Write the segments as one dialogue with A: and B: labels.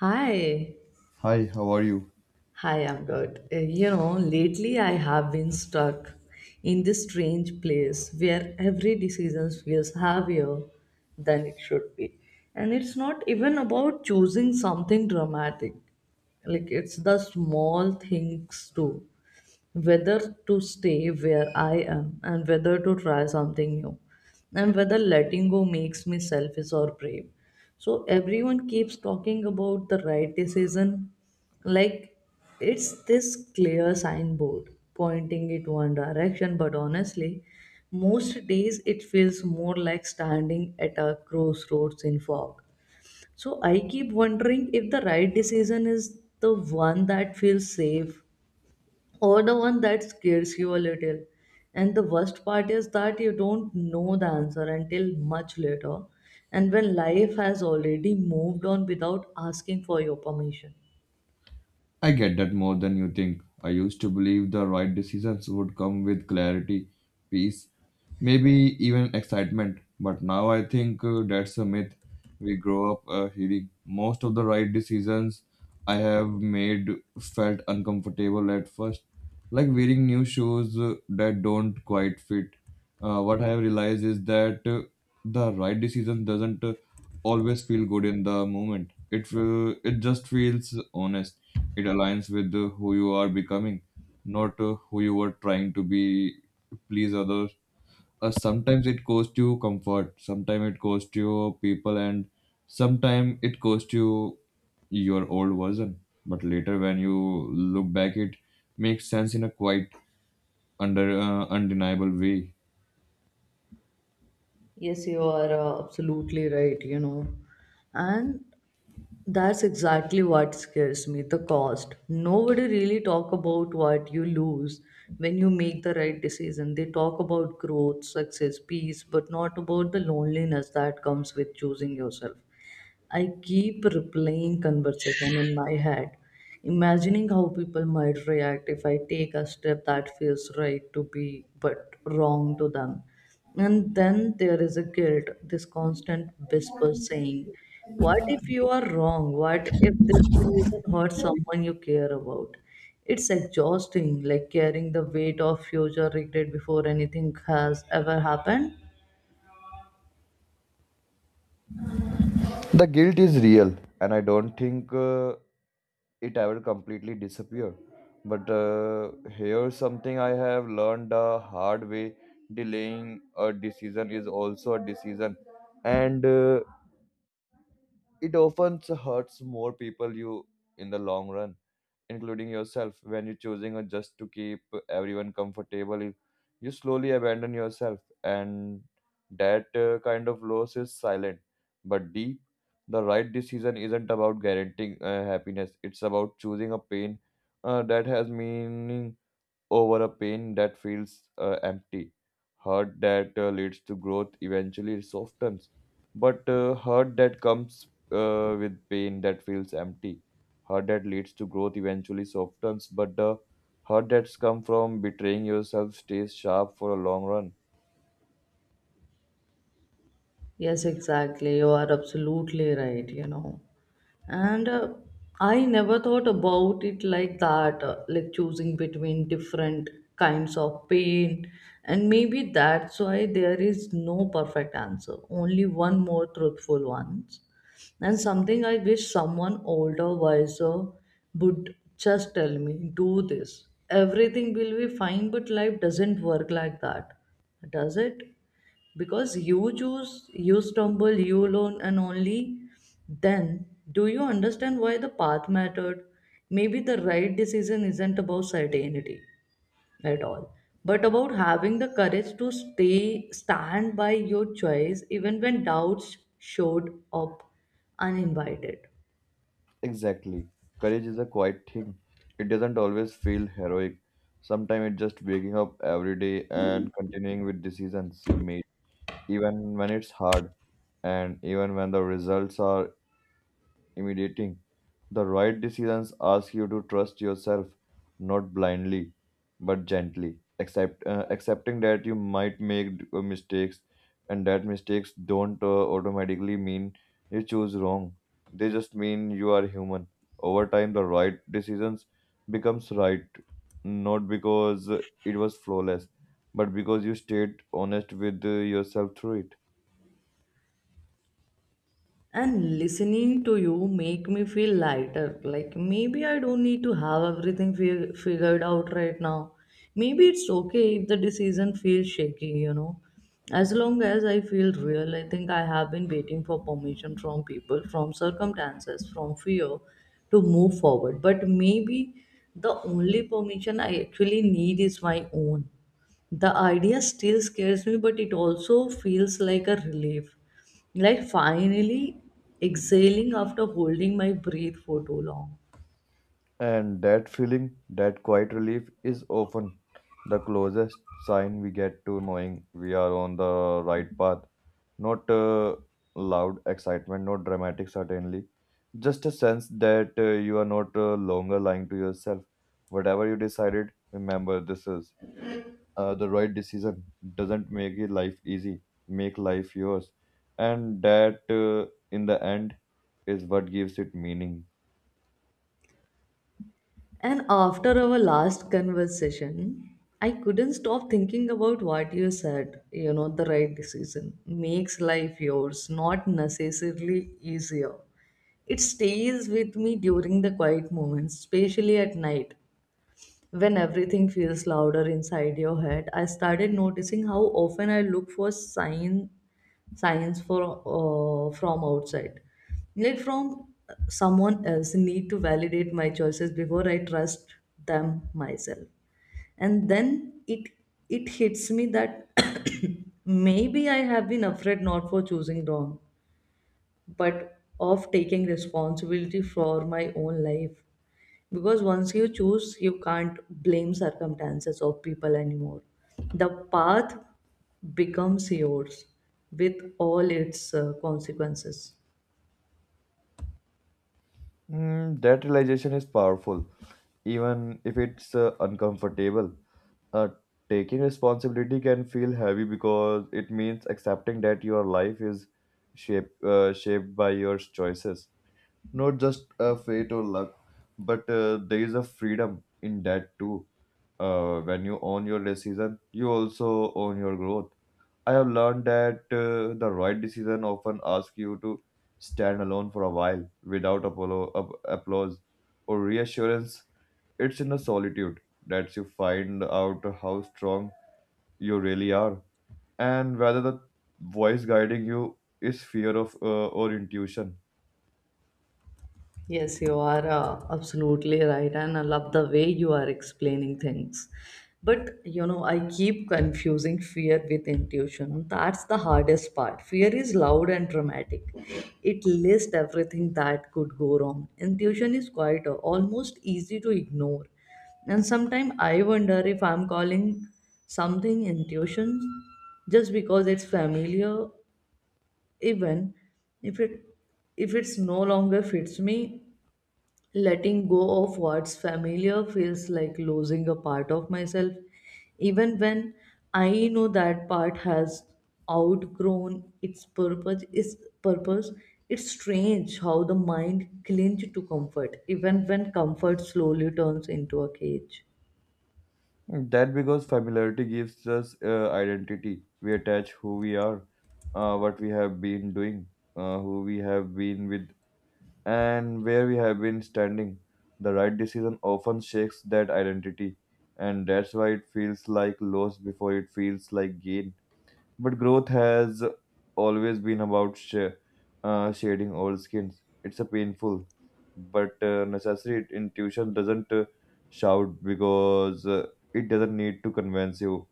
A: Hi,
B: Hi, how are you?
A: hi, I'm good. You know, lately I have been stuck in this strange place where every decision feels heavier than it should be. And it's not even about choosing something dramatic. Like it's the small things too, whether to stay where I am and whether to try something new, and whether letting go makes me selfish or brave. So everyone keeps talking about the right decision, like it's this clear signboard pointing it one direction, but honestly, most days it feels more like standing at a crossroads in fog. So I keep wondering if the right decision is the one that feels safe or the one that scares you a little. And the worst part is that you don't know the answer until much later, and when life has already moved on without asking for your permission.
B: I get that more than you think. I used to believe the right decisions would come with clarity, peace, maybe even excitement. But now I think that's a myth. We grow up hearing most of the right decisions I have made felt uncomfortable at first, like wearing new shoes that don't quite fit. What I have realized is that the right decision doesn't always feel good in the moment. It just feels honest, it aligns with who you are becoming, not who you were trying to be, please others. Sometimes it costs you comfort, sometimes it costs you people, and sometimes it costs you your old version. But later, when you look back, it makes sense in a quite under undeniable way.
A: Yes, you are absolutely right, you know. And that's exactly what scares me, the cost. Nobody really talk about what you lose when you make the right decision. They talk about growth, success, peace, but not about the loneliness that comes with choosing yourself. I keep replaying conversation in my head, imagining how people might react if I take a step that feels right to be but wrong to them. And then there is a guilt, this constant whisper saying, what if you are wrong? What if this decision hurts someone you care about? It's exhausting, like carrying the weight of future regret before anything has ever happened.
B: The guilt is real, and I don't think it ever completely disappear. But here's something I have learned the hard way: delaying a decision is also a decision, and it often hurts more people you in the long run including yourself, when you're choosing or just to keep everyone comfortable, you slowly abandon yourself, and that kind of loss is silent but deep. The right decision isn't about guaranteeing happiness; it's about choosing a pain that has meaning over a pain that feels empty. Hurt that leads to growth eventually softens, but hurt that comes with pain that feels empty. Hurt that leads to growth eventually softens, but the hurt that's come from betraying yourself stays sharp for a long run.
A: Yes, exactly. You are absolutely right, you know. And I never thought about it like that, like choosing between different kinds of pain, and maybe that's why there is no perfect answer, only one more truthful ones. And something I wish someone older, wiser would just tell me, do this, everything will be fine. But life doesn't work like that, does it? Because you choose, you stumble, you learn, and only then do you understand why the path mattered. Maybe the right decision isn't about certainty at all, but about having the courage to stay, stand by your choice even when doubts showed up uninvited.
B: Exactly. Courage is a quiet thing. It doesn't always feel heroic. Sometimes it's just waking up every day and continuing with decisions you made even when it's hard and even when the results are intimidating. The right decisions ask you to trust yourself, not blindly, but gently, accepting that you might make mistakes and that mistakes don't automatically mean you choose wrong. They just mean you are human. Over time, the right decisions becomes right, not because it was flawless, but because you stayed honest with yourself through it.
A: And listening to you make me feel lighter, like maybe I don't need to have everything figured out right now. Maybe it's okay if the decision feels shaky, you know, as long as I feel real. I think I have been waiting for permission from people, from circumstances, from fear to move forward, but maybe the only permission I actually need is my own. The idea still scares me, but it also feels like a relief. Like finally exhaling after holding my breath for too long.
B: And that feeling, that quiet relief, is often the closest sign we get to knowing we are on the right path. Not loud excitement, not dramatic, certainly. Just a sense that you are not longer lying to yourself. Whatever you decided, remember this is the right decision. Doesn't make your life easy, make life yours. And that, in the end, is what gives it meaning.
A: And after our last conversation, I couldn't stop thinking about what you said. You know, the right decision makes life yours, not necessarily easier. It stays with me during the quiet moments, especially at night. When everything feels louder inside your head, I started noticing how often I look for signs from outside. Like from someone else, need to validate my choices before I trust them myself. And then it hits me that maybe I have been afraid not for choosing wrong, but of taking responsibility for my own life, because once you choose you can't blame circumstances or people anymore. The path becomes yours, with all its consequences.
B: Mm, that realization is powerful, even if it's uncomfortable. Uh, Taking responsibility can feel heavy because it means accepting that your life is shaped by your choices, not just fate or luck. But there is a freedom in that too. When you own your decision, you also own your growth. I have learned that the right decision often asks you to stand alone for a while without applause or reassurance. It's in the solitude that you find out how strong you really are and whether the voice guiding you is fear of or intuition.
A: Yes, you are absolutely right, and I love the way you are explaining things. But you know, I keep confusing fear with intuition. That's the hardest part. Fear is loud and dramatic, it lists everything that could go wrong. Intuition is quieter, almost easy to ignore. And sometimes I wonder if I'm calling something intuition just because it's familiar, even if it if it's no longer fits me. Letting go of what's familiar feels like losing a part of myself, even when I know that part has outgrown its purpose. Purpose. It's strange how the mind clings to comfort, even when comfort slowly turns into a cage.
B: That because familiarity gives us identity. We attach who we are, what we have been doing, who we have been with and where we have been standing. The right decision often shakes that identity, and that's why it feels like loss before it feels like gain. But growth has always been about shading old skins. It's a painful but necessary intuition doesn't shout because it doesn't need to convince you.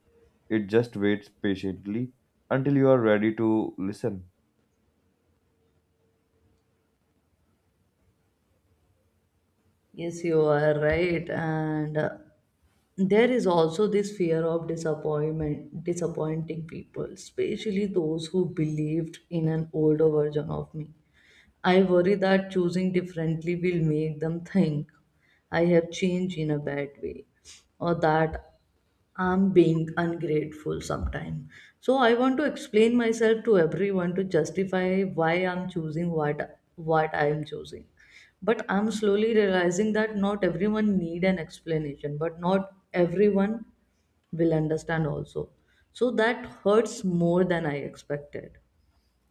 B: It just waits patiently until you are ready to listen.
A: Yes, you are right, and there is also this fear of disappointment, disappointing people, especially those who believed in an older version of me. I worry that choosing differently will make them think I have changed in a bad way, or that I'm being ungrateful sometime. So I want to explain myself to everyone, to justify why I'm choosing what I am choosing. But I'm slowly realizing that not everyone need an explanation, but not everyone will understand also. So that hurts more than I expected.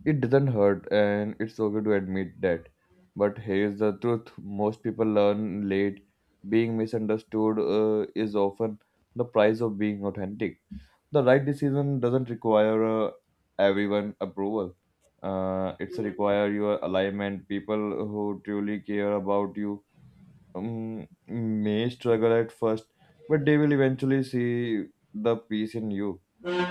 B: It doesn't hurt, and it's okay to admit that. But here's the truth most people learn late. Being misunderstood is often the price of being authentic. The right decision doesn't require everyone approval. It's require your alignment. People who truly care about you may struggle at first, but they will eventually see the peace in you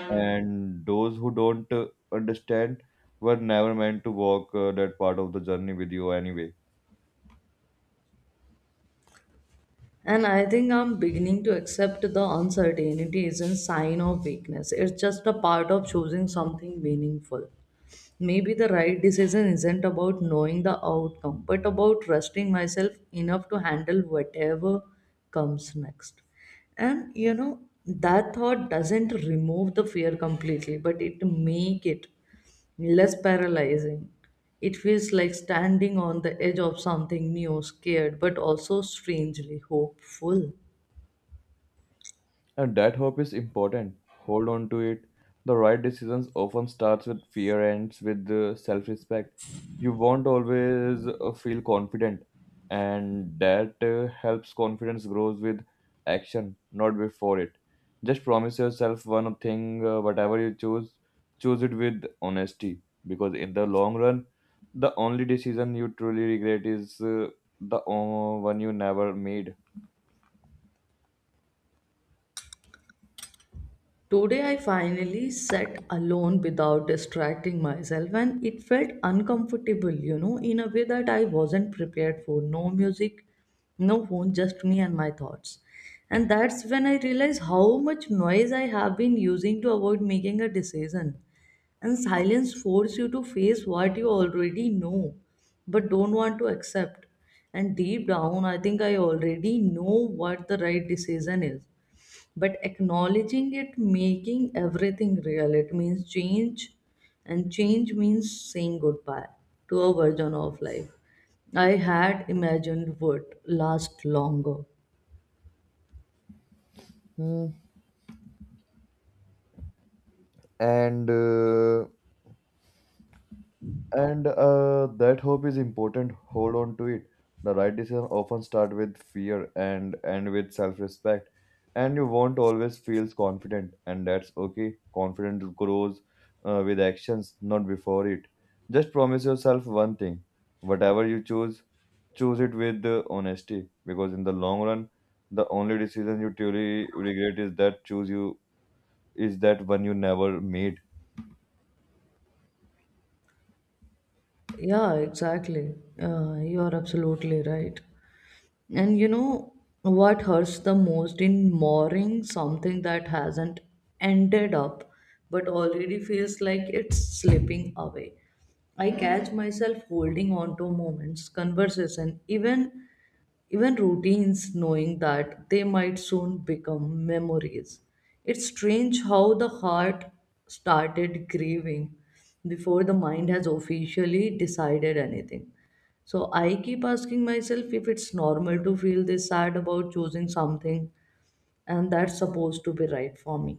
B: and those who don't understand were never meant to walk that part of the journey with you anyway.
A: And I think I'm beginning to accept the uncertainty isn't a sign of weakness. It's just a part of choosing something meaningful. Maybe the right decision isn't about knowing the outcome, but about trusting myself enough to handle whatever comes next. And you know, that thought doesn't remove the fear completely, but it make it less paralyzing. It feels like standing on the edge of something new, scared, but also strangely hopeful.
B: And that hope is important. Hold on to it. The right decisions often starts with fear ends with self-respect. You won't always feel confident, and that helps confidence grows with action, not before it. Just promise yourself one thing, whatever you choose, choose it with honesty. Because in the long run, the only decision you truly regret is the one you never made.
A: Today I finally sat alone without distracting myself, and it felt uncomfortable, you know, in a way that I wasn't prepared for. No music, no phone, just me and my thoughts. And that's when I realized how much noise I have been using to avoid making a decision. And silence forces you to face what you already know but don't want to accept. And deep down, I think I already know what the right decision is, but acknowledging it making everything real. It means change, and change means saying goodbye to a version of life I had imagined would last longer.
B: Hmm. And. And That hope is important. Hold on to it. The right decision often start with fear and end with self-respect. And you won't always feel confident, and that's okay. Confidence grows with actions, not before it. Just promise yourself one thing: whatever you choose, choose it with honesty. Because in the long run, the only decision you truly regret is that choose you is that one you never made.
A: Yeah, exactly. You are absolutely right. And you know, what hurts the most in mooring something that hasn't ended up but already feels like it's slipping away. I catch myself holding on to moments, conversation, even routines, knowing that they might soon become memories. It's strange how the heart started grieving before the mind has officially decided anything. So I keep asking myself if it's normal to feel this sad about choosing something and that's supposed to be right for me.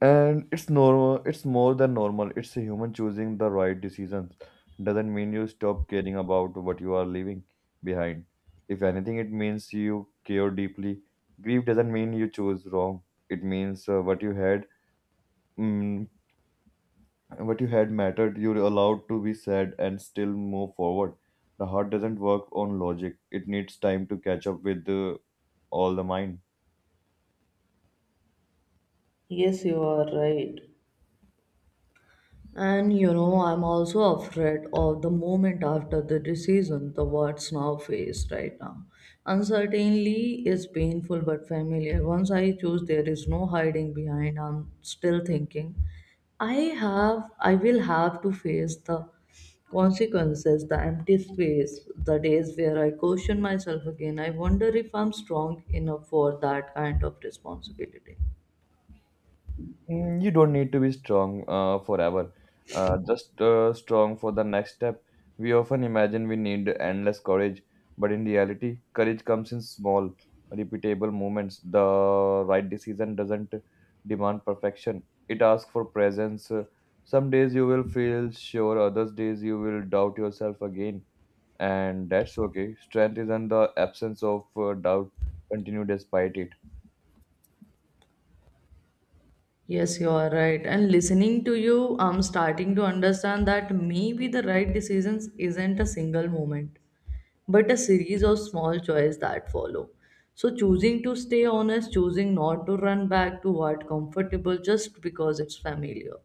B: And it's normal, it's more than normal. It's a human choosing the right decisions. Doesn't mean you stop caring about what you are leaving behind. If anything, it means you care deeply. Grief doesn't mean you chose wrong. It means what you had, mm, what you had mattered. You're allowed to be sad and still move forward. The heart doesn't work on logic. It needs time to catch up with all the mind.
A: Yes, you are right. And you know, I'm also afraid of the moment after the decision, the words now face right now. Uncertainty is painful but familiar. Once I choose, there is no hiding behind. I'm still thinking. I will have to face the consequences, the empty space, the days where I question myself again. I wonder if I'm strong enough for that kind of responsibility.
B: Mm, you don't need to be strong forever, just strong for the next step. We often imagine we need endless courage, but in reality, courage comes in small, repeatable moments. The right decision doesn't demand perfection, it asks for presence. Some days you will feel sure, others days you will doubt yourself again, and that's okay. Strength isn't the absence of doubt, continue despite it.
A: Yes, you are right. And listening to you, I'm starting to understand that maybe the right decisions isn't a single moment, but a series of small choices that follow. So choosing to stay honest, choosing not to run back to what comfortable just because it's familiar,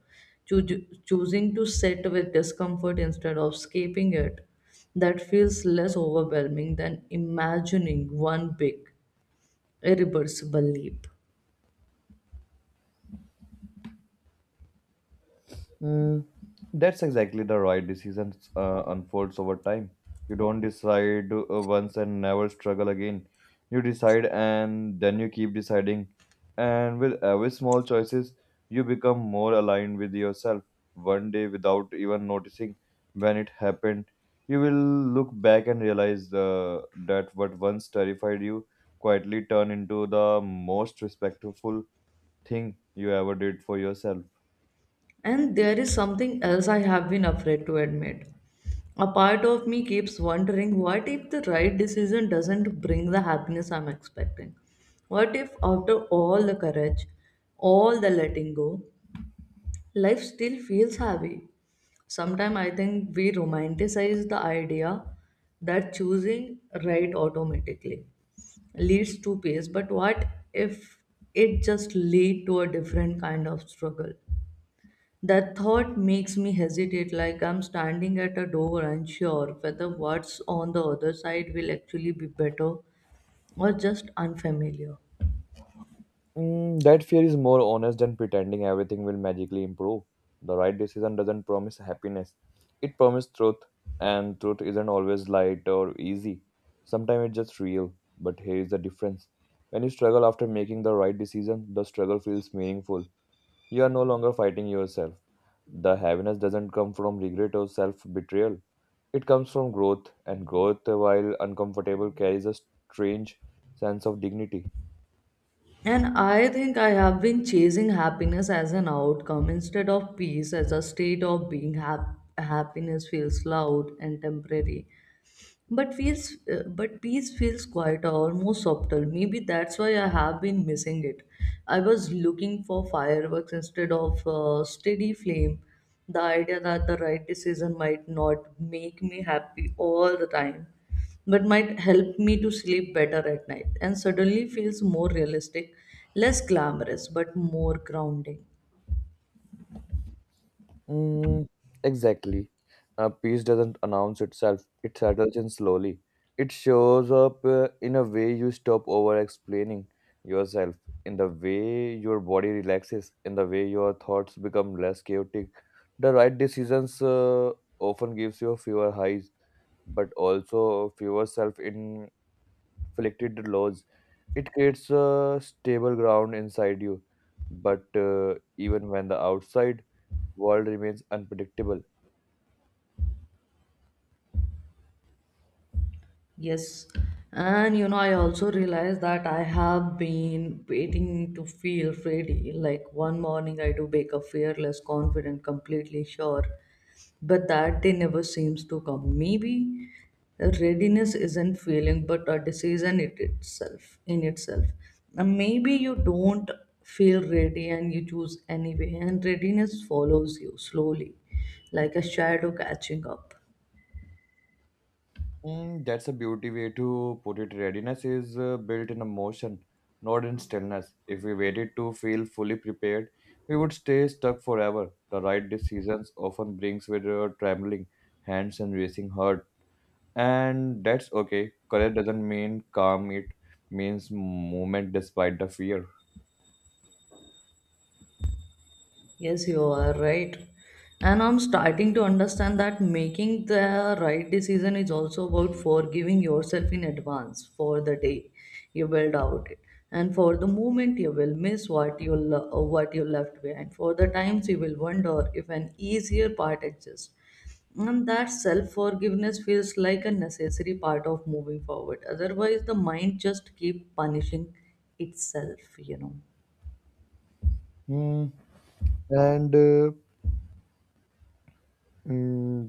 A: Choosing to sit with discomfort instead of escaping it, that feels less overwhelming than imagining one big, irreversible leap.
B: Mm, that's exactly the right decision unfolds over time. You don't decide once and never struggle again. You decide and then you keep deciding. And with every small choices, you become more aligned with yourself. One day, without even noticing when it happened, you will look back and realize that what once terrified you quietly turned into the most respectful thing you ever did for yourself.
A: And there is something else I have been afraid to admit. A part of me keeps wondering, what if the right decision doesn't bring the happiness I'm expecting? What if, after all the courage, all the letting go, life still feels heavy? Sometimes I think we romanticize the idea that choosing right automatically leads to peace, but what if it just leads to a different kind of struggle? That thought makes me hesitate, like I'm standing at a door, unsure whether what's on the other side will actually be better or just unfamiliar.
B: Mm, that fear is more honest than pretending everything will magically improve. The right decision doesn't promise happiness, it promises truth, and truth isn't always light or easy. Sometimes it's just real, but here is the difference. When you struggle after making the right decision, the struggle feels meaningful. You are no longer fighting yourself. The happiness doesn't come from regret or self betrayal, it comes from growth, and growth, while uncomfortable, carries a strange sense of dignity.
A: And I think I have been chasing happiness as an outcome instead of peace as a state of being. Happiness feels loud and temporary, but peace feels quieter, almost subtle. Maybe that's why I have been missing it. I was looking for fireworks instead of steady flame. The idea that the right decision might not make me happy all the time, but might help me to sleep better at night, and suddenly feels more realistic, less glamorous, but more grounding.
B: Mm, exactly. Peace doesn't announce itself, it settles in slowly. It shows up in a way you stop over explaining yourself, in the way your body relaxes, in the way your thoughts become less chaotic. The right decisions often gives you fewer highs, but also fewer self-inflicted lows. It creates a stable ground inside you, but even when the outside world remains unpredictable.
A: Yes, and you know, I also realized that I have been waiting to feel ready. Like one morning, I do wake up fearless, confident, completely sure, but that day never seems to come. Maybe readiness isn't feeling, but a decision it itself in itself. And maybe you don't feel ready, and you choose anyway, and readiness follows you slowly, like a shadow catching up.
B: Mm, that's a beauty way to put it. Readiness is built in emotion, not in stillness. If we waited to feel fully prepared, we would stay stuck forever. The right decisions often brings with trembling hands and racing heart, and that's okay. Courage doesn't mean calm; it means movement despite the fear.
A: Yes, you are right. And I'm starting to understand that making the right decision is also about forgiving yourself in advance for the day you will doubt it, and for the moment you will miss what you left behind, for the times you will wonder if an easier part exists. And that self forgiveness feels like a necessary part of moving forward. Otherwise, the mind just keep punishing itself, you know.
B: Hmm. And uh, hmm,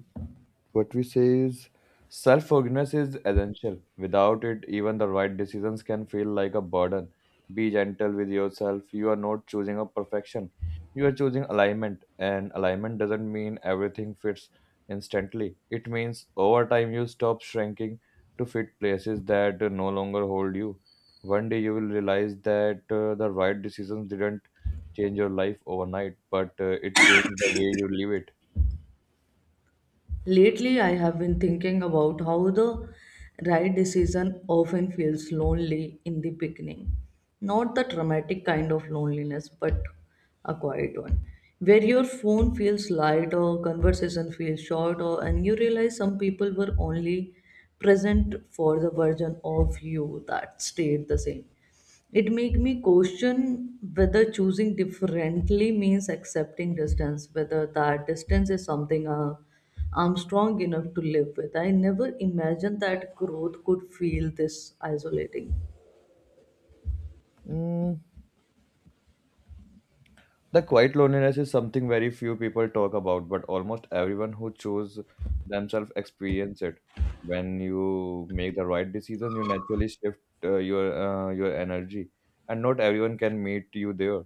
B: What we say is self awareness is essential. Without it, even the right decisions can feel like a burden. Be gentle with yourself. You are not choosing a perfection, you are choosing alignment. And alignment doesn't mean everything fits instantly, it means over time you stop shrinking to fit places that no longer hold you. One day you will realize that the right decisions didn't change your life overnight, but it changed the way you live it.
A: Lately, I have been thinking about how the right decision often feels lonely in the beginning. Not the dramatic kind of loneliness, but a quiet one. Where your phone feels light or conversation feels short, or and you realize some people were only present for the version of you that stayed the same. It made me question whether choosing differently means accepting distance, whether that distance is something I'm strong enough to live with. I never imagined that growth could feel this isolating.
B: Mm, the quiet loneliness is something very few people talk about, but almost everyone who chose themselves experience it. When you make the right decision, you naturally shift your energy, and not everyone can meet you there.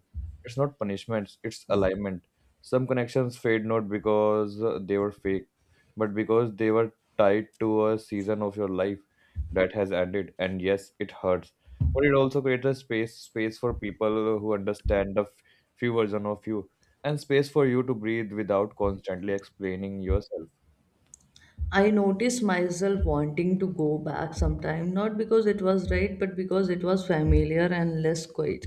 B: It's not punishments; it's alignment. Some connections fade not because they were fake, but because they were tied to a season of your life that has ended. And yes, it hurts, but it also creates a space for people who understand the few version of you, and space for you to breathe without constantly explaining yourself.
A: I noticed myself wanting to go back sometime, not because it was right, but because it was familiar and less quiet.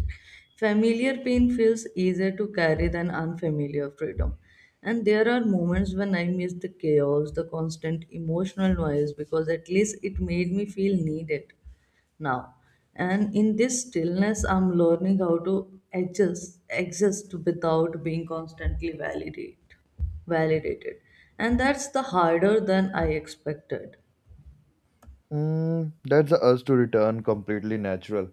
A: Familiar pain feels easier to carry than unfamiliar freedom. And there are moments when I miss the chaos, the constant emotional noise, because at least it made me feel needed now. And in this stillness, I'm learning how to adjust, exist without being constantly validated, and that's the harder than I expected.
B: Mm, that's the urge to return completely natural.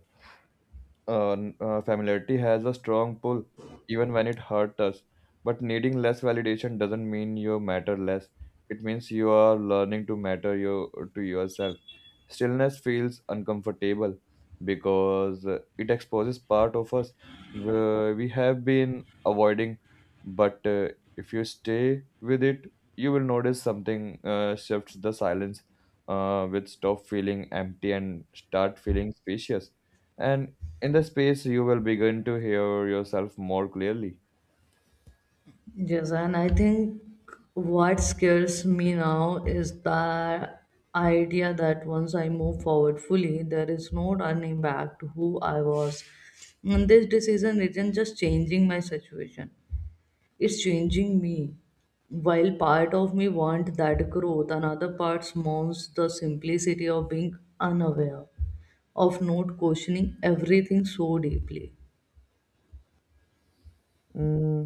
B: Familiarity has a strong pull, even when it hurts us. But needing less validation doesn't mean you matter less. It means you are learning to matter you to yourself. Stillness feels uncomfortable because it exposes part of us we have been avoiding. But If you stay with it, you will notice something shifts the silence. With stop feeling empty and start feeling spacious, and in the space, you will begin to hear yourself more clearly.
A: Yes, and I think what scares me now is the idea that once I move forward fully, there is no turning back to who I was, and this decision isn't just changing my situation, it's changing me. While part of me wants that growth, another part mourns the simplicity of being unaware, of not questioning everything so deeply.
B: Mm,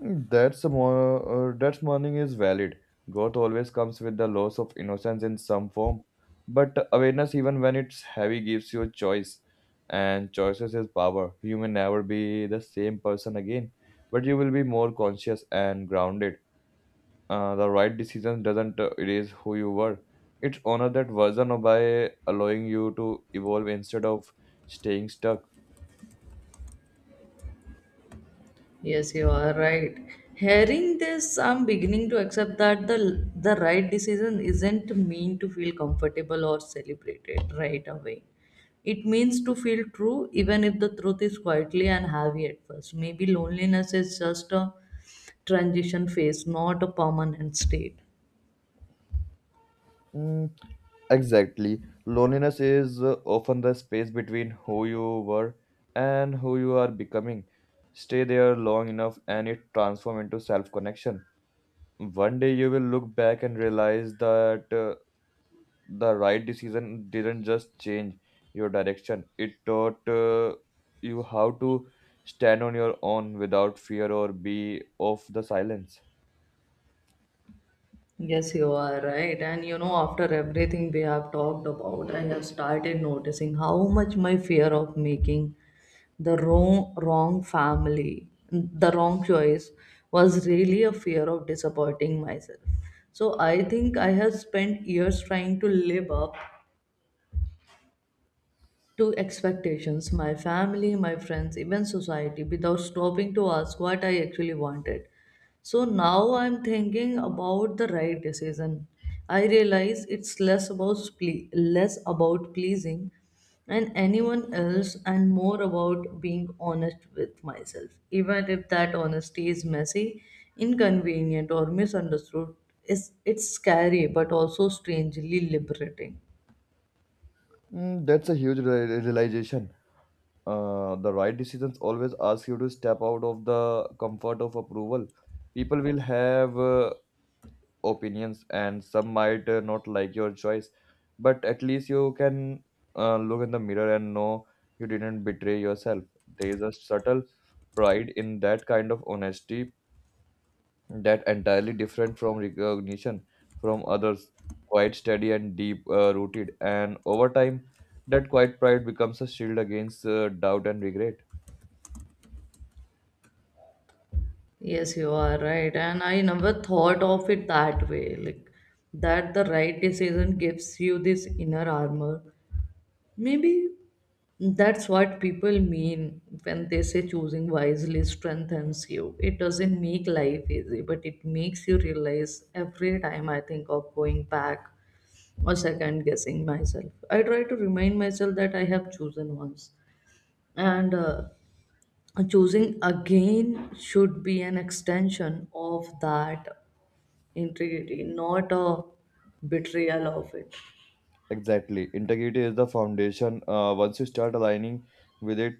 B: that's a more, that morning is valid. Growth always comes with the loss of innocence in some form. But awareness, even when it's heavy, gives you a choice. And choices is power. You may never be the same person again, but you will be more conscious and grounded. The right decision doesn't erase who you were. It's honor that version of by allowing you to evolve instead of staying stuck.
A: Yes, you are right. Hearing this, I'm beginning to accept that the right decision isn't mean to feel comfortable or celebrated right away. It means to feel true, even if the truth is quietly and heavy at first. Maybe loneliness is just a transition phase, not a permanent state.
B: Mm. Exactly. Loneliness is often the space between who you were and who you are becoming. Stay there long enough and it transforms into self connection. One day you will look back and realize that the right decision didn't just change your direction, it taught you how to stand on your own without fear or be of the silence.
A: Yes, you are right. And you know, after everything we have talked about, I have started noticing how much my fear of making the wrong family, the wrong choice, was really a fear of disappointing myself. So I think I have spent years trying to live up to expectations, my family, my friends, even society, without stopping to ask what I actually wanted. So now I'm thinking about the right decision. I realize it's less about pleasing and anyone else and more about being honest with myself. Even if that honesty is messy, inconvenient or misunderstood, it's scary but also strangely liberating.
B: Mm, that's a huge realization. The right decisions always ask you to step out of the comfort of approval. People will have opinions, and some might not like your choice, but at least you can look in the mirror and know you didn't betray yourself. There is a subtle pride in that kind of honesty that entirely different from recognition from others, quite steady and deep rooted, and over time. That quiet pride becomes a shield against doubt and regret.
A: Yes, you are right. And I never thought of it that way. Like that the right decision gives you this inner armor. Maybe that's what people mean when they say choosing wisely strengthens you. It doesn't make life easy, but it makes you realize every time I think of going back or second guessing myself. I try to remind myself that I have chosen once. And Choosing again should be an extension of that integrity, not a betrayal of it.
B: Exactly. Integrity is the foundation. Once you start aligning with it,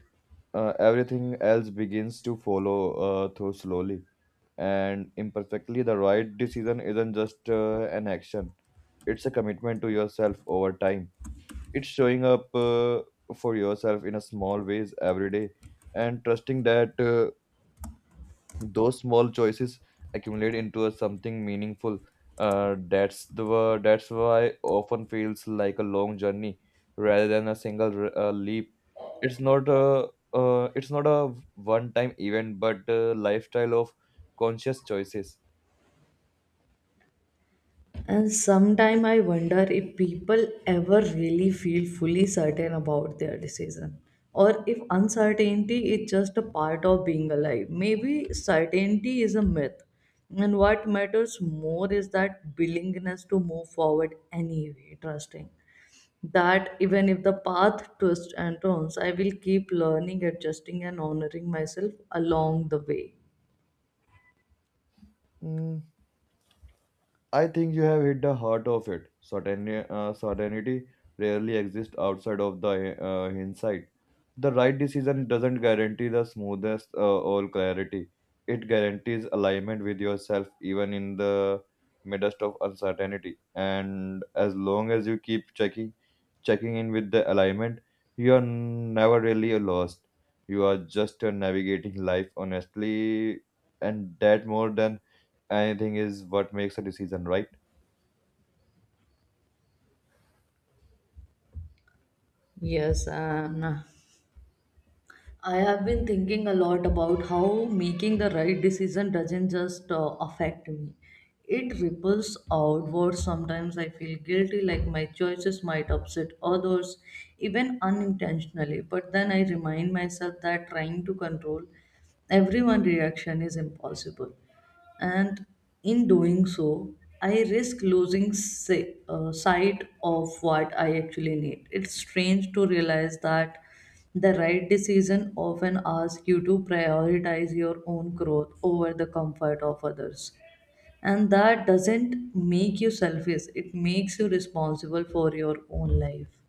B: everything else begins to follow through slowly and imperfectly. The right decision isn't just an action, it's a commitment to yourself over time. It's showing up for yourself in a small ways every day and trusting that those small choices accumulate into a something meaningful, that's that's why often feels like a long journey rather than a single leap. It's not a it's not a one time event but a lifestyle of conscious choices.
A: And sometimes I wonder if people ever really feel fully certain about their decision, or if uncertainty is just a part of being alive. Maybe certainty is a myth, and what matters more is that willingness to move forward anyway, trusting that even if the path twists and turns, I will keep learning, adjusting, and honoring myself along the way.
B: Mm, I think you have hit the heart of it. Certainty rarely exists outside of the hindsight. The right decision doesn't guarantee the smoothest all clarity. It guarantees alignment with yourself even in the midst of uncertainty. And as long as you keep checking in with the alignment, you are never really lost. You are just navigating life honestly, and that more than anything is what makes a decision, right?
A: Yes, and I have been thinking a lot about how making the right decision doesn't just affect me. It ripples outward. Sometimes I feel guilty, like my choices might upset others, even unintentionally. But then I remind myself that trying to control everyone's reaction is impossible. And in doing so, I risk losing sight of what I actually need. It's strange to realize that the right decision often asks you to prioritize your own growth over the comfort of others. And that doesn't make you selfish, it makes you responsible for your own life.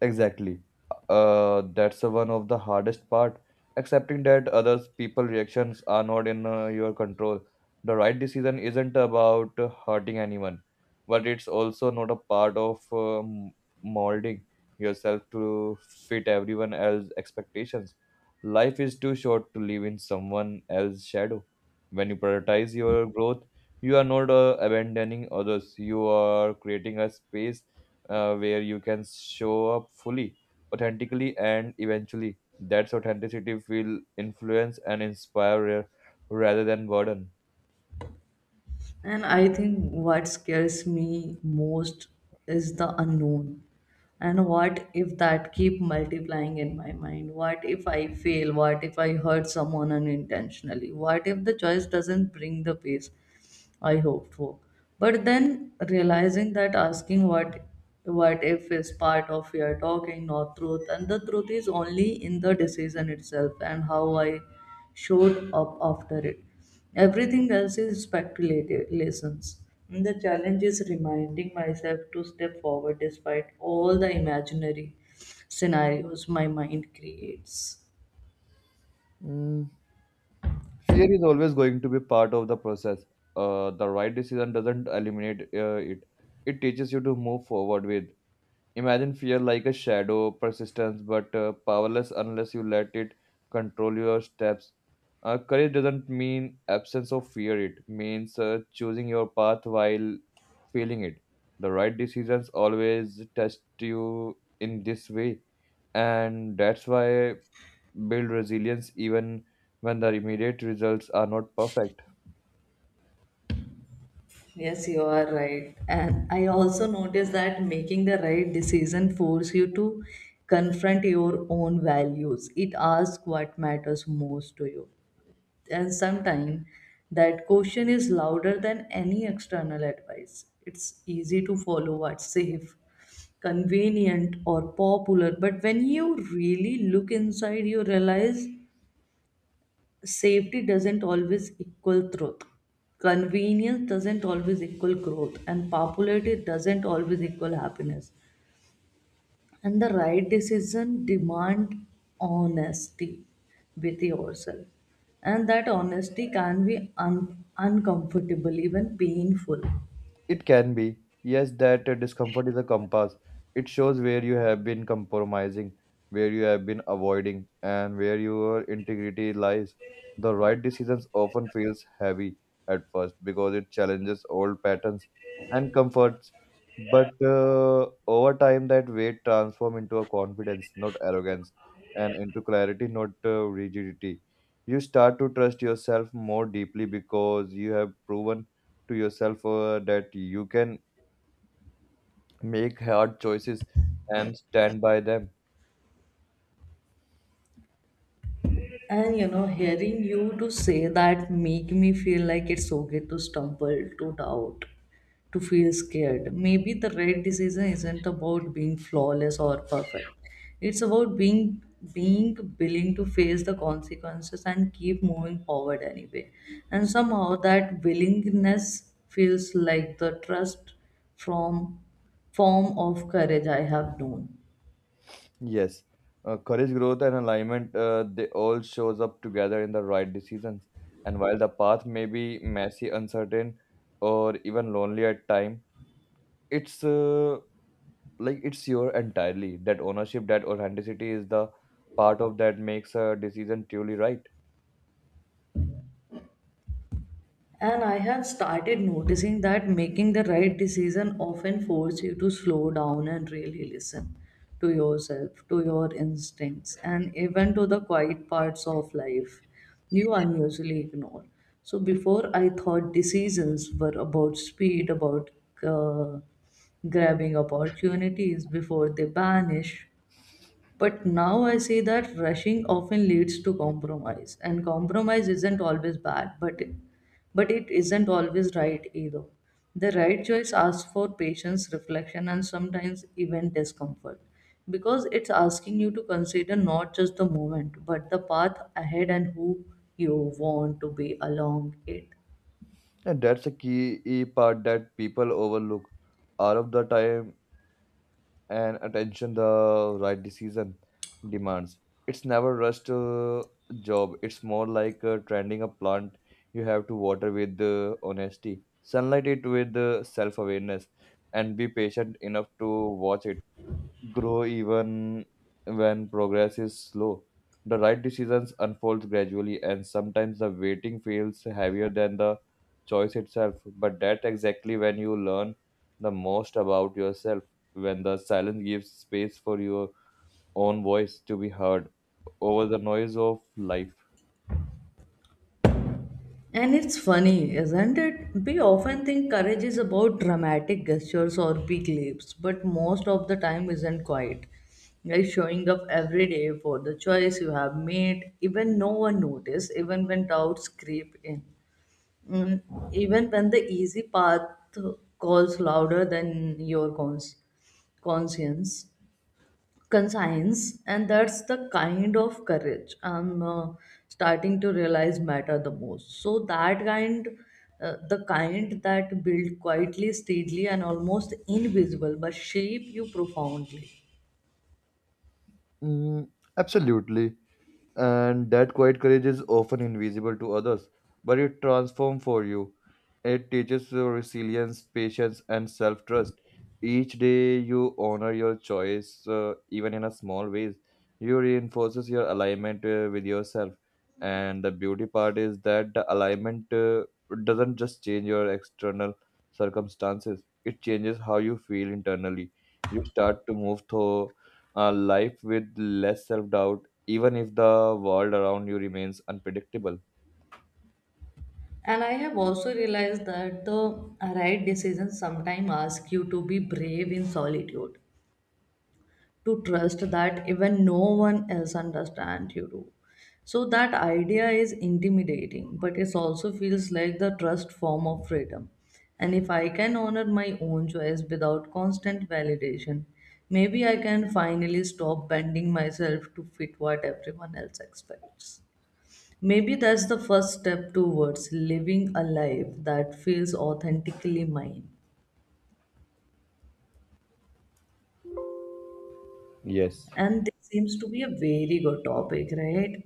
B: Exactly. That's the one of the hardest part. Accepting that others people reactions are not in your control. The right decision isn't about hurting anyone, but it's also not a part of molding yourself to fit everyone else's expectations. Life is too short to live in someone else's shadow. When you prioritize your growth, you are not abandoning others. You are creating a space where you can show up fully, authentically, and eventually that's authenticity will influence and inspire rather than burden.
A: And I think what scares me most is the unknown. And what if that keep multiplying in my mind? What if I fail? What if I hurt someone unintentionally? What if the choice doesn't bring the peace I hoped for? But then realizing that asking what if is part of your talking, not truth, and the truth is only in the decision itself and how I showed up after it. Everything else is speculative lessons. And the challenge is reminding myself to step forward despite all the imaginary scenarios my mind creates.
B: Mm, fear is always going to be part of the process. The right decision doesn't eliminate it. It teaches you to move forward with. Imagine fear like a shadow, persistent but powerless unless you let it control your steps. Courage doesn't mean absence of fear, it means choosing your path while feeling it. The right decisions always test you in this way, and that's why build resilience even when the immediate results are not perfect.
A: Yes, you are right. And I also noticed that making the right decision forces you to confront your own values. It asks what matters most to you. And sometimes that question is louder than any external advice. It's easy to follow what's safe, convenient, or popular. But when you really look inside, you realize safety doesn't always equal truth. Convenience doesn't always equal growth, and popularity doesn't always equal happiness. And the right decision demand honesty with yourself, and that honesty can be uncomfortable, even painful.
B: It can be. Yes, that discomfort is a compass. It shows where you have been compromising, where you have been avoiding, and where your integrity lies. The right decisions often feels heavy at first because it challenges old patterns and comforts. But over time, that weight transforms into a confidence, not arrogance, and into clarity, not rigidity. You start to trust yourself more deeply because you have proven to yourself that you can make hard choices and stand by them.
A: And you know, hearing you to say that make me feel like it's okay to stumble, to doubt, to feel scared. Maybe the right decision isn't about being flawless or perfect. It's about being willing to face the consequences and keep moving forward anyway. And somehow that willingness feels like the trust from form of courage I have known.
B: Yes, courage, growth, and alignment, they all shows up together in the right decisions. And while the path may be messy, uncertain, or even lonely at time, it's uh, it's your entirely that ownership, that authenticity is the part of that makes a decision truly right.
A: And I have started noticing that making the right decision often forces you to slow down and really listen to yourself, to your instincts, and even to the quiet parts of life you unusually ignore. So before I thought decisions were about speed, about uh, grabbing opportunities before they vanish, but now I see that rushing often leads to compromise, and compromise isn't always bad, but it isn't always right either. The right choice asks for patience, reflection, and sometimes even discomfort, because it's asking you to consider not just the moment, but the path ahead and who you want to be along it.
B: And that's a key part that people overlook. All of the time, and attention the right decision demands. It's never rushed job. It's more like tending a plant. You have to water with honesty, sunlight it with self awareness, and be patient enough to watch it grow even when progress is slow. The right decisions unfold gradually, and sometimes the waiting feels heavier than the choice itself. But that's exactly when you learn the most about yourself, when the silence gives space for your own voice to be heard over the noise of life.
A: And it's funny, isn't it? We often think courage is about dramatic gestures or big leaps, but most of the time isn't quite. Like showing up every day for the choice you have made, even no one notice, even when doubts creep in. Mm, even when the easy path calls louder than your conscience conscience, and that's the kind of courage I'm starting to realize matter the most. So that kind, the kind that build quietly, steadily and almost invisible but shape you profoundly.
B: Mm, absolutely. And that quiet courage is often invisible to others, but it transforms for you. It teaches you resilience, patience, and self trust. Each day you honor your choice, even in a small ways, you reinforces your alignment with yourself. And the beauty part is that the alignment doesn't just change your external circumstances; it changes how you feel internally. You start to move through life with less self doubt even if the world around you remains unpredictable.
A: And I have also realized that the right decisions sometimes ask you to be brave in solitude, to trust that even no one else understands, you do. So that idea is intimidating, but it also feels like the trust form of freedom. And if I can honor my own choice without constant validation, maybe I can finally stop bending myself to fit what everyone else expects. Maybe that's the first step towards living a life that feels authentically mine.
B: Yes,
A: And this seems to be a very good topic, right?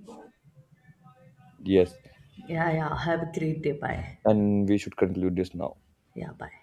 B: yes.
A: Yeah, yeah. Have a great day. Bye.
B: And we should conclude this now.
A: Yeah, bye.